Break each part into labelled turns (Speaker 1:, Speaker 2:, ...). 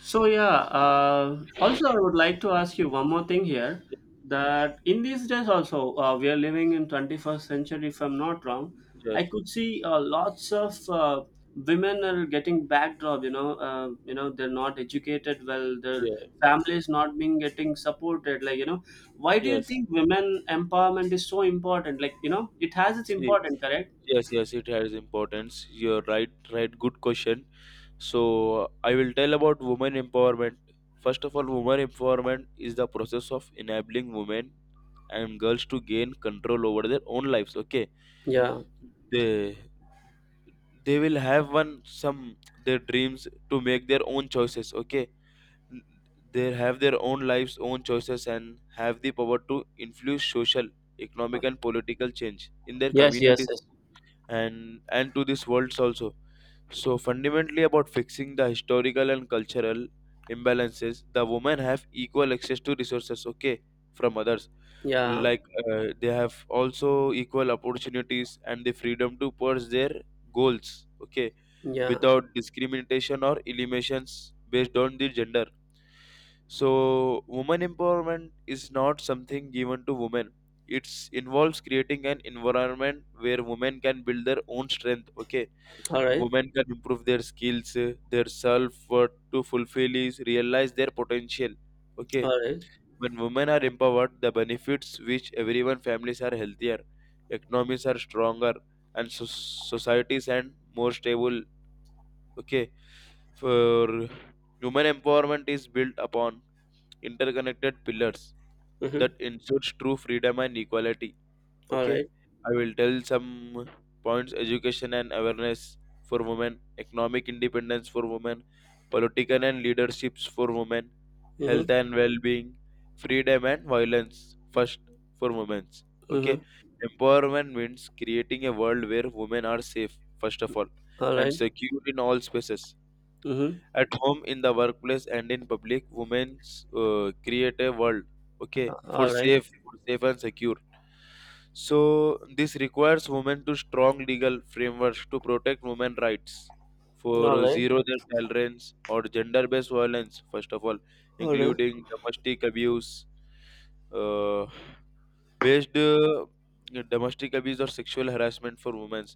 Speaker 1: So yeah, also I would like to ask you one more thing here, that in these days also we are living in 21st century, if I'm not wrong.
Speaker 2: Yes,
Speaker 1: I could see lots of women are getting backdrop. They're not educated well, their
Speaker 2: yeah,
Speaker 1: families not being getting supported. Like why do you
Speaker 2: yes.
Speaker 1: think women empowerment is so important? Like it has its
Speaker 2: See,
Speaker 1: importance, correct?
Speaker 2: yes, yes, it has importance. You're right, right. Good question. So, I will tell about women empowerment. First of all, women empowerment is the process of enabling women and girls to gain control over their own lives. Okay,
Speaker 1: Yeah.
Speaker 2: they they will have one some their dreams to make their own choices. Okay, they have their own lives, own choices, and have the power to influence social, economic, and political change in their
Speaker 1: Yes. Yes.
Speaker 2: communities
Speaker 1: Yes.
Speaker 2: and to this world also. So fundamentally, about fixing the historical and cultural imbalances, the women have equal access to resources. Okay, from others,
Speaker 1: Yeah.
Speaker 2: like they have also equal opportunities and the freedom to pursue their goals. Okay,
Speaker 1: Yeah.
Speaker 2: without discrimination or eliminations based on the gender, so women empowerment is not something given to women. It involves creating an environment where women can build their own strength. Okay,
Speaker 1: All right.
Speaker 2: women can improve their skills, their self worth to fulfill is realize their potential. Okay,
Speaker 1: All right.
Speaker 2: when women are empowered, the benefits which everyone families are healthier, economies are stronger, and societies and more stable. Okay, for women empowerment is built upon interconnected pillars that
Speaker 1: Mm-hmm.
Speaker 2: ensures true freedom and equality.
Speaker 1: All
Speaker 2: Okay,
Speaker 1: right.
Speaker 2: I will tell some points: education and awareness for women, economic independence for women, political and leaderships for women, health
Speaker 1: Mhm,
Speaker 2: and well being, freedom and violence first for women. Okay,
Speaker 1: mhm.
Speaker 2: empowerment means creating a world where women are safe, first of all, and
Speaker 1: Alright.
Speaker 2: secure in all spaces
Speaker 1: Mhm.
Speaker 2: at home in the workplace and in public women's create a world
Speaker 1: A
Speaker 2: okay
Speaker 1: alright.
Speaker 2: for safe and secure. So this requires women to strong legal frameworks to protect women rights for
Speaker 1: Alright.
Speaker 2: zero tolerance or gender based violence first of all,
Speaker 1: Alright.
Speaker 2: including domestic abuse. uh, based Domestic abuse or sexual harassment for women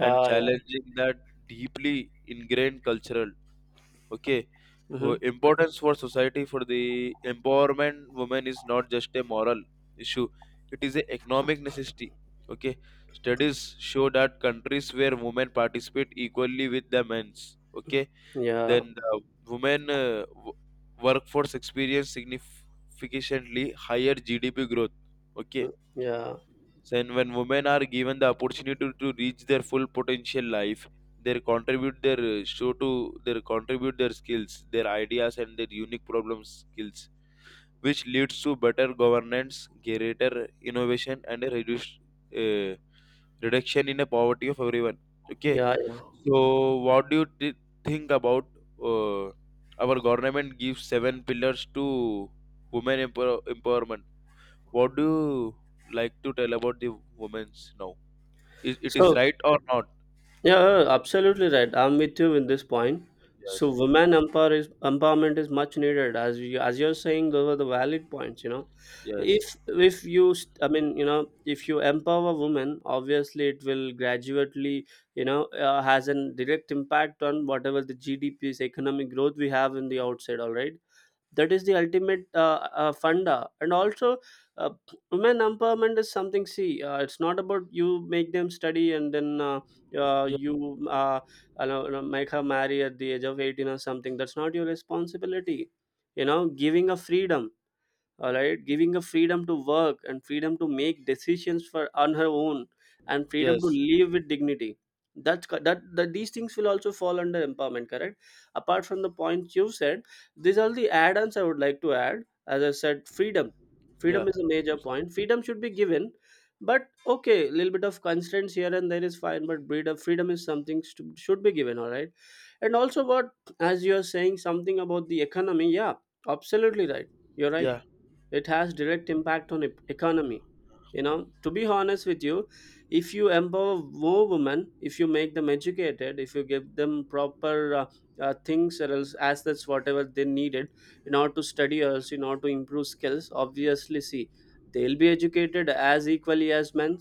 Speaker 2: and
Speaker 1: yeah.
Speaker 2: challenging that deeply ingrained cultural, okay,
Speaker 1: Mhm.
Speaker 2: importance for society. For the empowerment, women is not just a moral issue, it is an economic necessity. Okay, studies show that countries where women participate equally with the men's, okay,
Speaker 1: Yeah.
Speaker 2: then the women workforce experience significantly higher gdp growth. Okay,
Speaker 1: Mm, yeah.
Speaker 2: so, and when women are given the opportunity to reach their full potential life, they contribute their show to their contribute their skills, their ideas, and their unique problem skills, which leads to better governance, greater innovation, and a reduced uh, reduction in the poverty of everyone. Okay,
Speaker 1: Yeah, yeah.
Speaker 2: so what do you think about uh, our government gives seven pillars to women empowerment? What do you like to tell about the women's now? Is it is
Speaker 1: So
Speaker 2: right or not?
Speaker 1: yeah, absolutely right. I'm with you in this point. So
Speaker 2: Yes.
Speaker 1: women empowerment is much needed, as you're saying those are the valid points. If
Speaker 2: Yes.
Speaker 1: if I mean, if you empower women, obviously it will gradually, has a direct impact on whatever the GDP's economic growth we have in the outside, all right? That is the ultimate funda, and also uh, women empowerment is something. See, it's not about you make them study, and then uh,
Speaker 2: Yeah.
Speaker 1: you uh, make her marry at the age of 18 or something. That's not your responsibility, giving a freedom. All right, giving her freedom to work, and freedom to make decisions for on her own, and freedom to
Speaker 2: Yes.
Speaker 1: live with dignity. That these things will also fall under empowerment, correct? Apart from the points you said, these are the add-ons I would like to add. As I said, freedom
Speaker 2: Yeah.
Speaker 1: freedom is a major point. Freedom should be given. But okay, a little bit of constraints here and there is fine, but breed of freedom is something should be given, all right? And also what, as you are saying something about the economy, yeah, absolutely right, you're right,
Speaker 2: Yeah.
Speaker 1: it has direct impact on economy. To be honest with you, if you empower more women, if you make them educated, if you give them proper things or else assets whatever they needed in order to study or else in order to improve skills, obviously see, they'll be educated as equally as men.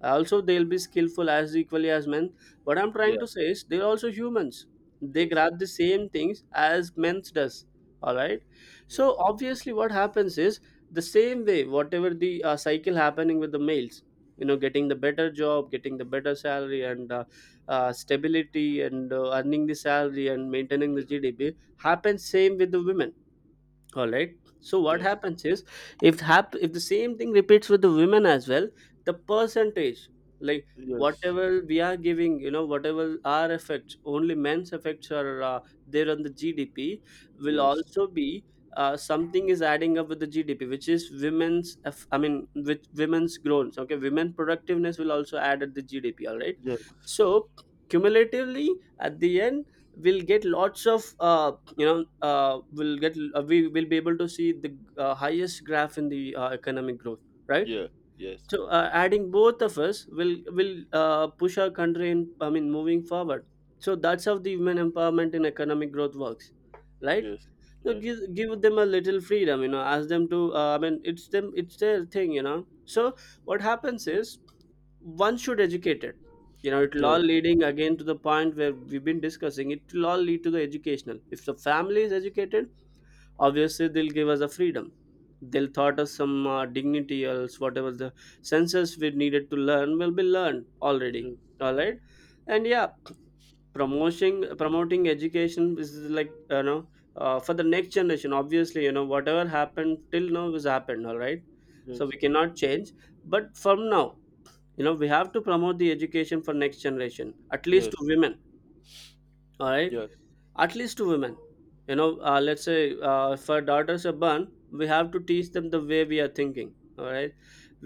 Speaker 1: Also, they'll be skillful as equally as men. What I'm
Speaker 2: Yeah.
Speaker 1: trying to say is, they're also humans. They
Speaker 2: Yes.
Speaker 1: grab the same things as men does, all right?
Speaker 2: Yes.
Speaker 1: So obviously what happens is, the same way whatever the cycle happening with the males, you know, getting the better job, getting the better salary, and stability, and earning the salary and maintaining the
Speaker 2: Yeah.
Speaker 1: GDP, happens same with the women, all right? So what
Speaker 2: Yes.
Speaker 1: happens is, if the same thing repeats with the women as well, the percentage, like,
Speaker 2: Yes.
Speaker 1: whatever we are giving, you know, whatever our effects, only men's effects are there on the GDP, will
Speaker 2: Yes.
Speaker 1: also be, something is adding up with the GDP, which is women's I mean with women's growth, okay? Women productiveness will also add at the GDP, all right?
Speaker 2: Yes.
Speaker 1: So cumulatively at the end, we'll get lots of we will be able to see the highest graph in the economic growth, right?
Speaker 2: Yeah. Yes.
Speaker 1: So adding both of us will push our country in I mean moving forward. So that's how the women empowerment in economic growth works, right?
Speaker 2: Yes.
Speaker 1: So
Speaker 2: Right.
Speaker 1: give them a little freedom, you know, ask them to I mean, it's their thing, you know, so what happens is, one should educate it. You know, it'll
Speaker 2: Yes.
Speaker 1: all leading again to the point where we've been discussing, it will all lead to the educational. If the family is educated, obviously they'll give us a freedom. They'll taught us some dignity or else whatever the senses we needed to learn will be learned already,
Speaker 2: Yes.
Speaker 1: all right? And yeah, promoting education is like, you know, for the next generation, obviously you know whatever happened till now has happened, all right? So
Speaker 2: Yes.
Speaker 1: we cannot change, but from now, you know, we have to promote the education for next generation, at least
Speaker 2: Yes.
Speaker 1: to women, all right? At least to women, you know, let's say, if our daughters are born, we have to teach them the way we are thinking, all right?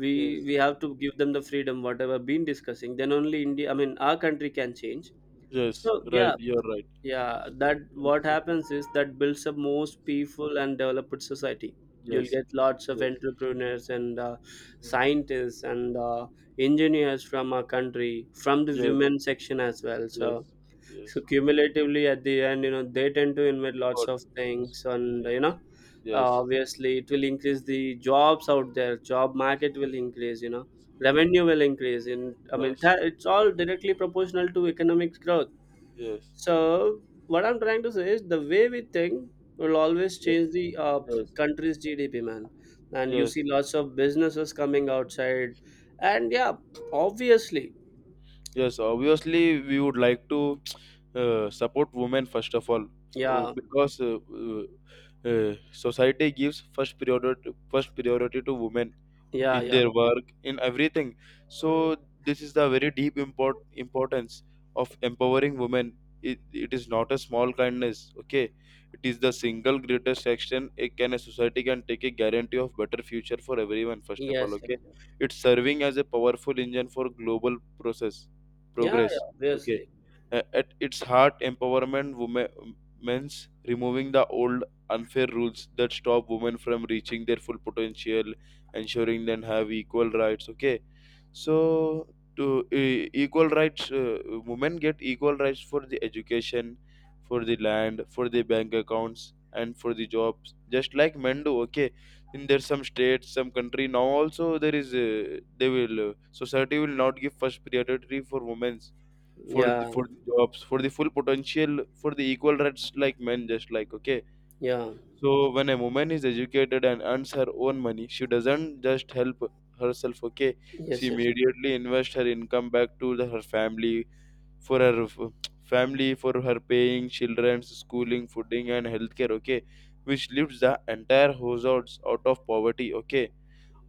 Speaker 1: we
Speaker 2: Yes. Yes.
Speaker 1: we have to give them the freedom whatever been discussing, then only India, I mean, our country can change.
Speaker 2: Yes.
Speaker 1: So
Speaker 2: Right.
Speaker 1: yeah,
Speaker 2: You're right.
Speaker 1: yeah, that what happens is, that builds a most peaceful and developed society. You'll
Speaker 2: Yes.
Speaker 1: get lots of
Speaker 2: Yes. Yes.
Speaker 1: entrepreneurs and
Speaker 2: Yes.
Speaker 1: scientists and engineers from our country, from the
Speaker 2: Yes.
Speaker 1: women section as well. so
Speaker 2: Yes.
Speaker 1: so
Speaker 2: Yes.
Speaker 1: cumulatively at the end, you know, they tend to invent
Speaker 2: Of
Speaker 1: lots
Speaker 2: course.
Speaker 1: of
Speaker 2: Of course.
Speaker 1: things, and you
Speaker 2: Yes.
Speaker 1: know
Speaker 2: Yes.
Speaker 1: obviously it will increase the jobs out there. Job market will increase, you know, revenue will increase in I mean,
Speaker 2: Yes.
Speaker 1: it's all directly proportional to economic growth.
Speaker 2: Yes. Yes.
Speaker 1: So what I'm trying to say is, the way we think will always
Speaker 2: Yes.
Speaker 1: change the
Speaker 2: Yes. Yes.
Speaker 1: country's GDP, man. And you
Speaker 2: Yes.
Speaker 1: see lots of businesses coming outside, and yeah, obviously,
Speaker 2: Yes, obviously, we would like to support women first of all,
Speaker 1: yeah,
Speaker 2: because society gives first priority to women
Speaker 1: yeah,
Speaker 2: in
Speaker 1: yeah,
Speaker 2: their work, in everything. So this is the very deep importance of empowering women. It, it is not a small kindness, okay? It is the single greatest action a society can take, a guarantee of better future for everyone. First of all,
Speaker 1: yes, yes.
Speaker 2: okay? It's serving as a powerful engine for global process
Speaker 1: Yeah, yeah,
Speaker 2: progress. Okay,
Speaker 1: obviously,
Speaker 2: At its heart, empowerment women means removing the old unfair rules that stop women from reaching their full potential, ensuring them have equal rights. Okay, so to equal rights, women get equal rights for the education, for the land, for the bank accounts, and for the jobs, just like men do. Okay, in their some states some country now also there is they will society will not give first priority for women's,
Speaker 1: yeah,
Speaker 2: for the jobs, for the full potential, for the equal rights like men just like, okay.
Speaker 1: yeah,
Speaker 2: So when a woman is educated and earns her own money, she doesn't just help herself, okay, she
Speaker 1: yes, yes,
Speaker 2: immediately invests her income back to the, her family, for her family, for her paying children's schooling fooding and healthcare, okay, which lifts the entire households out of poverty. Okay,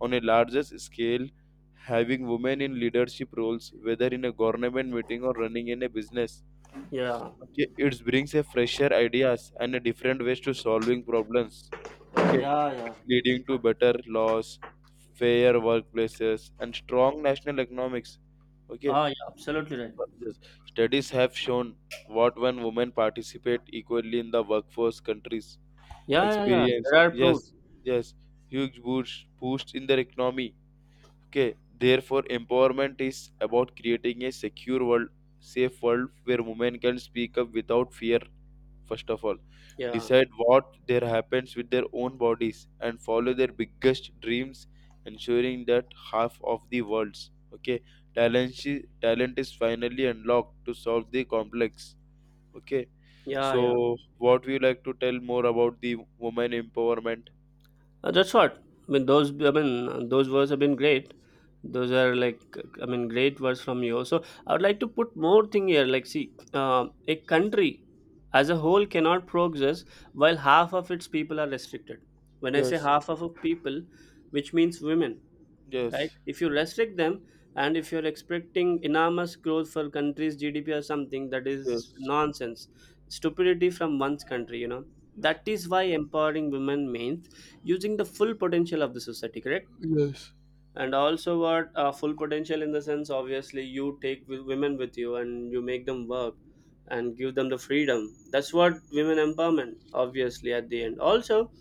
Speaker 2: on a larger scale, having women in leadership roles, whether in a government meeting or running in a business,
Speaker 1: yeah,
Speaker 2: okay, it brings a fresher ideas and a different ways to solving problems. Okay,
Speaker 1: yeah, yeah.
Speaker 2: it's leading to better laws, fair workplaces, and strong national economics. Okay.
Speaker 1: Ah, yeah, absolutely right.
Speaker 2: Yes. Studies have shown what when women participate equally in the workforce, countries
Speaker 1: Yeah, yeah, yeah.
Speaker 2: experience,
Speaker 1: There are proofs.
Speaker 2: yes, yes, huge boost in their economy. Okay, therefore, empowerment is about creating a secure world, safe world where women can speak up without fear, first of all,
Speaker 1: Yeah,
Speaker 2: decide what there happens with their own bodies, and follow their biggest dreams, ensuring that half of the world's, okay, talent is finally unlocked to solve the complex. Okay,
Speaker 1: yeah, yeah.
Speaker 2: so what would you like to tell more about the woman empowerment?
Speaker 1: That's what I mean. Those, I mean, those words have been great. Those are like, I mean, great words from you. So I would like to put more thing here. Like see, a country as a whole cannot progress while half of its people are restricted. When I say
Speaker 2: Yes,
Speaker 1: half of a people, which means women, right?
Speaker 2: yes,
Speaker 1: If you restrict them, and if you're expecting enormous growth for country's GDP or something, that is
Speaker 2: yes,
Speaker 1: nonsense. Stupidity from one's country, you know. That
Speaker 2: yes.
Speaker 1: is why empowering women means using the full potential of the society, correct?
Speaker 2: Yes,
Speaker 1: And also, what, full potential in the sense, obviously, you take women with you and you make them work and give them the freedom. That's what women empowerment, obviously, at the end. Also,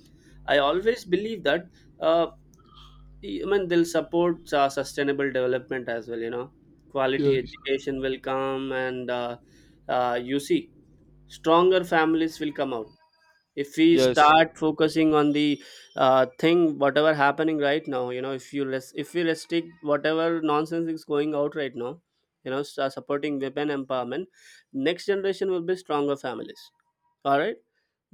Speaker 1: I always believe that. Uh, I mean, they'll support sustainable development as well. You know, quality
Speaker 2: yes.
Speaker 1: education will come, and you see, stronger families will come out if we
Speaker 2: Yes,
Speaker 1: start focusing on the thing whatever happening right now. You know, if you less if we restrict whatever nonsense is going out right now, you know, supporting women empowerment, next generation will be stronger families, all right?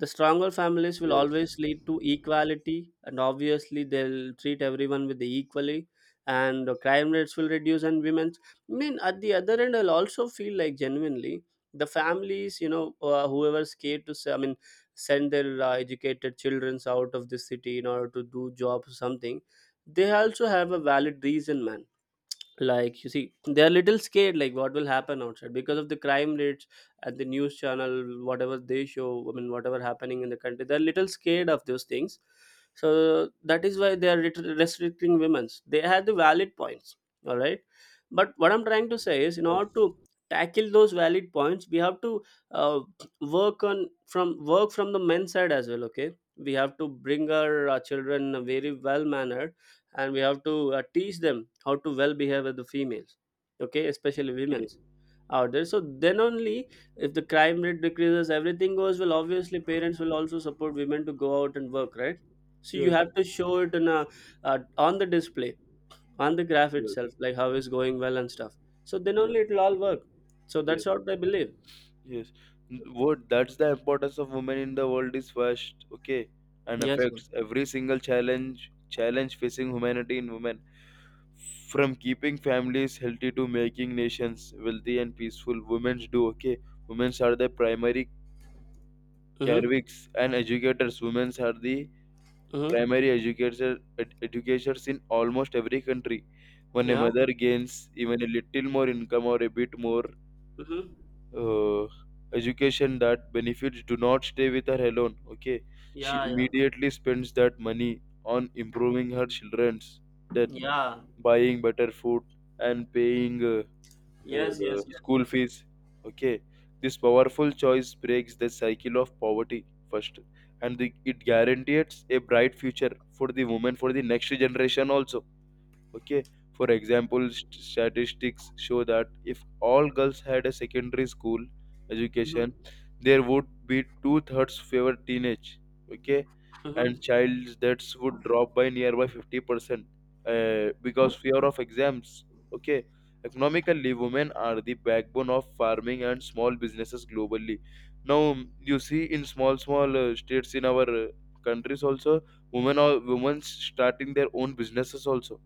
Speaker 1: The stronger families will
Speaker 2: yes,
Speaker 1: always lead to equality, and obviously they'll treat everyone with the equally, and the crime rates will reduce, and women's I mean, at the other end I'll also feel like, genuinely, the families, you know, whoever's scared to say, I mean, send their educated children out of the city in order to do job or something, they also have a valid reason, man. Like, you see, they are little scared like what will happen outside because of the crime rates and the news channel whatever they show, I mean whatever happening in the country, they're little scared of those things. So that is why they are restricting women's, they had the valid points, all right? But what I'm trying to say is, in order to
Speaker 2: yes.
Speaker 1: tackle those valid points, we have to uh, work from the men's side as well, okay? We have to bring our, children very well mannered, and we have to teach them how to well behave with the females, okay? Especially
Speaker 2: Okay.
Speaker 1: women's out there. So then only, if the crime rate decreases, everything goes well, obviously parents will also support women to go out and work, right? So you
Speaker 2: Yes,
Speaker 1: have to show it in a on the display, on the graph
Speaker 2: yes,
Speaker 1: itself, like how is going well and stuff. So then
Speaker 2: yes,
Speaker 1: only it'll all work. So
Speaker 2: yes,
Speaker 1: that's what I believe.
Speaker 2: yes. What that's the importance of women in the world is first, okay, and
Speaker 1: Yes sir.
Speaker 2: affects every single challenge facing humanity in women. From keeping families healthy to making nations wealthy and peaceful, women do, okay. Women are the primary
Speaker 1: Mm-hmm.
Speaker 2: caregivers and educators. Women are the
Speaker 1: Mm-hmm.
Speaker 2: primary educators in almost every country. When a
Speaker 1: Yeah.
Speaker 2: mother gains even a little more income or a bit more
Speaker 1: Mm-hmm.
Speaker 2: uh, education, that benefits do not stay with her alone. Okay, she
Speaker 1: Yeah. Yeah.
Speaker 2: immediately spends that money on improving her children's that
Speaker 1: Yeah.
Speaker 2: buying better food and paying.
Speaker 1: Yes. Yes. Yes.
Speaker 2: School
Speaker 1: Yes.
Speaker 2: fees. Okay, this powerful choice breaks the cycle of poverty first, and the, it guarantees a bright future for the women for the next generation also, okay. For example, statistics show that if all girls had a secondary school
Speaker 1: Mm-hmm.
Speaker 2: education, there would be two-thirds fewer teenage, okay, and
Speaker 1: Mm-hmm.
Speaker 2: child deaths would drop by nearby 50%, because fear of exams, okay. Economically, women are the backbone of farming and small businesses globally. Now you see in small small states in our countries also, women are women starting their own businesses also,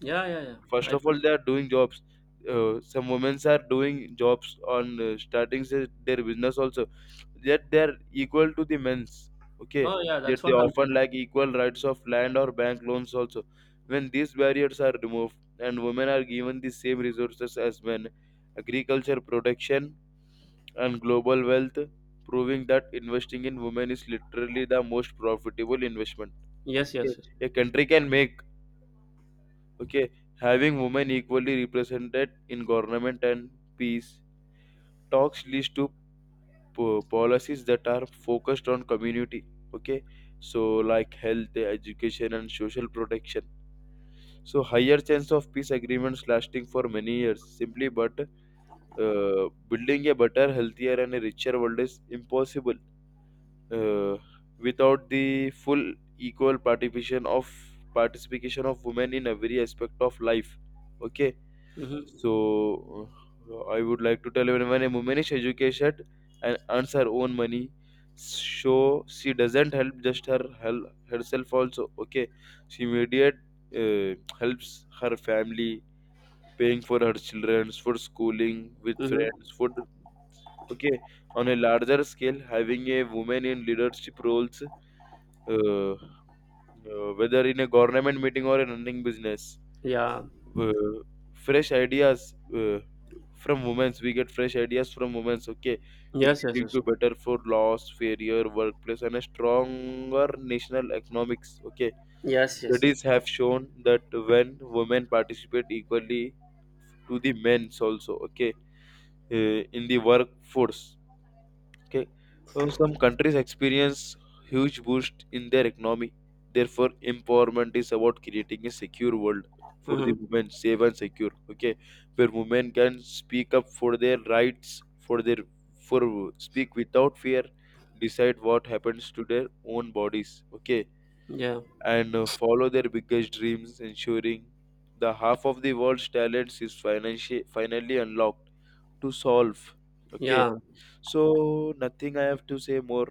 Speaker 1: Yeah. Yeah. Yeah.
Speaker 2: first
Speaker 1: I
Speaker 2: of
Speaker 1: could
Speaker 2: all they are doing jobs. Some women are doing jobs on starting their business also, yet they are equal to the men's, okay,
Speaker 1: Oh yeah,
Speaker 2: yet
Speaker 1: that's
Speaker 2: they
Speaker 1: what I'm
Speaker 2: often
Speaker 1: saying.
Speaker 2: lack equal rights of land or bank loans also. When these barriers are removed and women are given the same resources as men, agriculture protection and global wealth, proving that investing in women is literally the most profitable investment,
Speaker 1: Yes,
Speaker 2: okay,
Speaker 1: yes, yes.
Speaker 2: a country can make. Okay, having women equally represented in government and peace talks leads to policies that are focused on community. Okay, so like health, education, and social protection. So higher chance of peace agreements lasting for many years. Simply, but building a better, healthier, and a richer world is impossible uh, without the full equal participation of women in every aspect of life. Okay.
Speaker 1: Mm-hmm.
Speaker 2: So I would like to tell when a woman is educated and earns her own money, so she doesn't help just her help herself also. Okay, she immediate helps her family, paying for her children's for schooling with
Speaker 1: Mm-hmm.
Speaker 2: friends, food. Okay, on a larger scale, having a woman in leadership roles, uh, whether in a government meeting or a running business,
Speaker 1: Yeah.
Speaker 2: uh, fresh ideas, from women's we get fresh ideas from women's, okay. It
Speaker 1: Yes, yes,
Speaker 2: leading
Speaker 1: yes.
Speaker 2: to better food laws, fairer workplace and a stronger national economics, okay.
Speaker 1: Yes, yes.
Speaker 2: Studies have shown that when women participate equally to the men's also, okay, uh, in the workforce, okay, so some countries experience huge boost in their economy. Therefore, empowerment is about creating a secure world for the
Speaker 1: Mm-hmm.
Speaker 2: women, safe and secure. Okay, where women can speak up for their rights, for speak without fear, decide what happens to their own bodies. Okay,
Speaker 1: Yeah.
Speaker 2: and follow their biggest dreams, ensuring the half of the world's talents is financially finally unlocked to solve. Okay,
Speaker 1: Yeah.
Speaker 2: so nothing I have to say more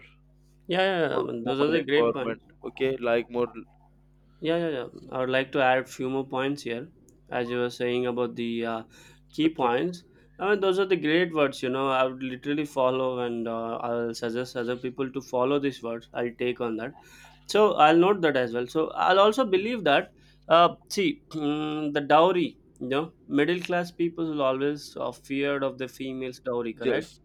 Speaker 1: Yeah, yeah, yeah.
Speaker 2: for
Speaker 1: I mean, those are
Speaker 2: women
Speaker 1: the great
Speaker 2: empowerment.
Speaker 1: points.
Speaker 2: Okay, like more.
Speaker 1: Yeah, yeah, yeah. I would like to add a few more points here, as you were saying about the key
Speaker 2: Okay.
Speaker 1: points. I mean, those are the great words, you know. I would literally follow, and I'll suggest other people to follow these words. I'll take on that. So I'll note that as well. So I'll also believe that. See, the dowry, you know, middle class people will always feared of the female's dowry, correct?
Speaker 2: Yes,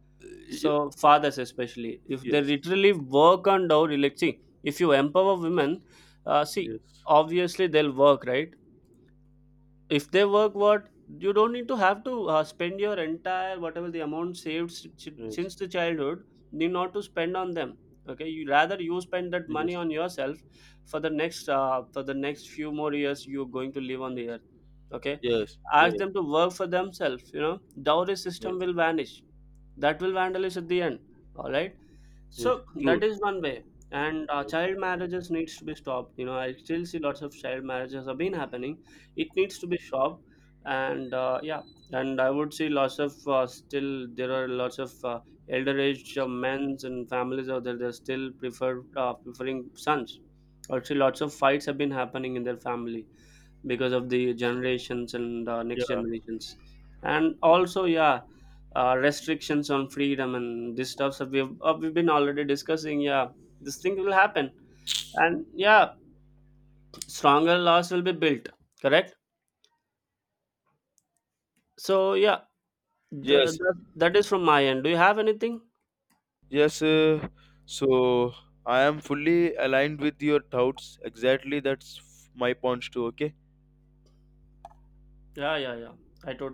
Speaker 1: So fathers, especially if they
Speaker 2: yes, yes,
Speaker 1: literally work on down, like see, if you empower women, see,
Speaker 2: Yes.
Speaker 1: obviously they'll work, right? If they work, what, you don't need to have to spend your entire, whatever the amount saved
Speaker 2: Yes.
Speaker 1: since the childhood, need not to spend on them, okay? You rather you spend that money
Speaker 2: Yes.
Speaker 1: on yourself for the next, few more years you're going to live on the earth, okay?
Speaker 2: Yes.
Speaker 1: Ask
Speaker 2: Yes.
Speaker 1: them to work for themselves, you know, dowry system
Speaker 2: Yes.
Speaker 1: will vanish, that will vandalize at the end, all right?
Speaker 2: Yes,
Speaker 1: So
Speaker 2: true.
Speaker 1: that is one way. And
Speaker 2: Yes.
Speaker 1: child marriages needs to be stopped, you know, I still see lots of child marriages have been happening. It needs to be stopped. And yeah, and I would see lots of still there are lots of elder age men's and families out there, they're still preferring sons. Also lots of fights have been happening in their family because of the generations and next
Speaker 2: Yeah.
Speaker 1: generations. And also yeah, restrictions on freedom and this stuff that we've been already discussing, yeah, this thing will happen. And yeah, stronger laws will be built, correct? So yeah,
Speaker 2: Yes.
Speaker 1: that is from my end. Do you have anything?
Speaker 2: Yes. So I am fully aligned with your thoughts. Exactly, that's my points too. Okay.
Speaker 1: Yeah, yeah, yeah, I totally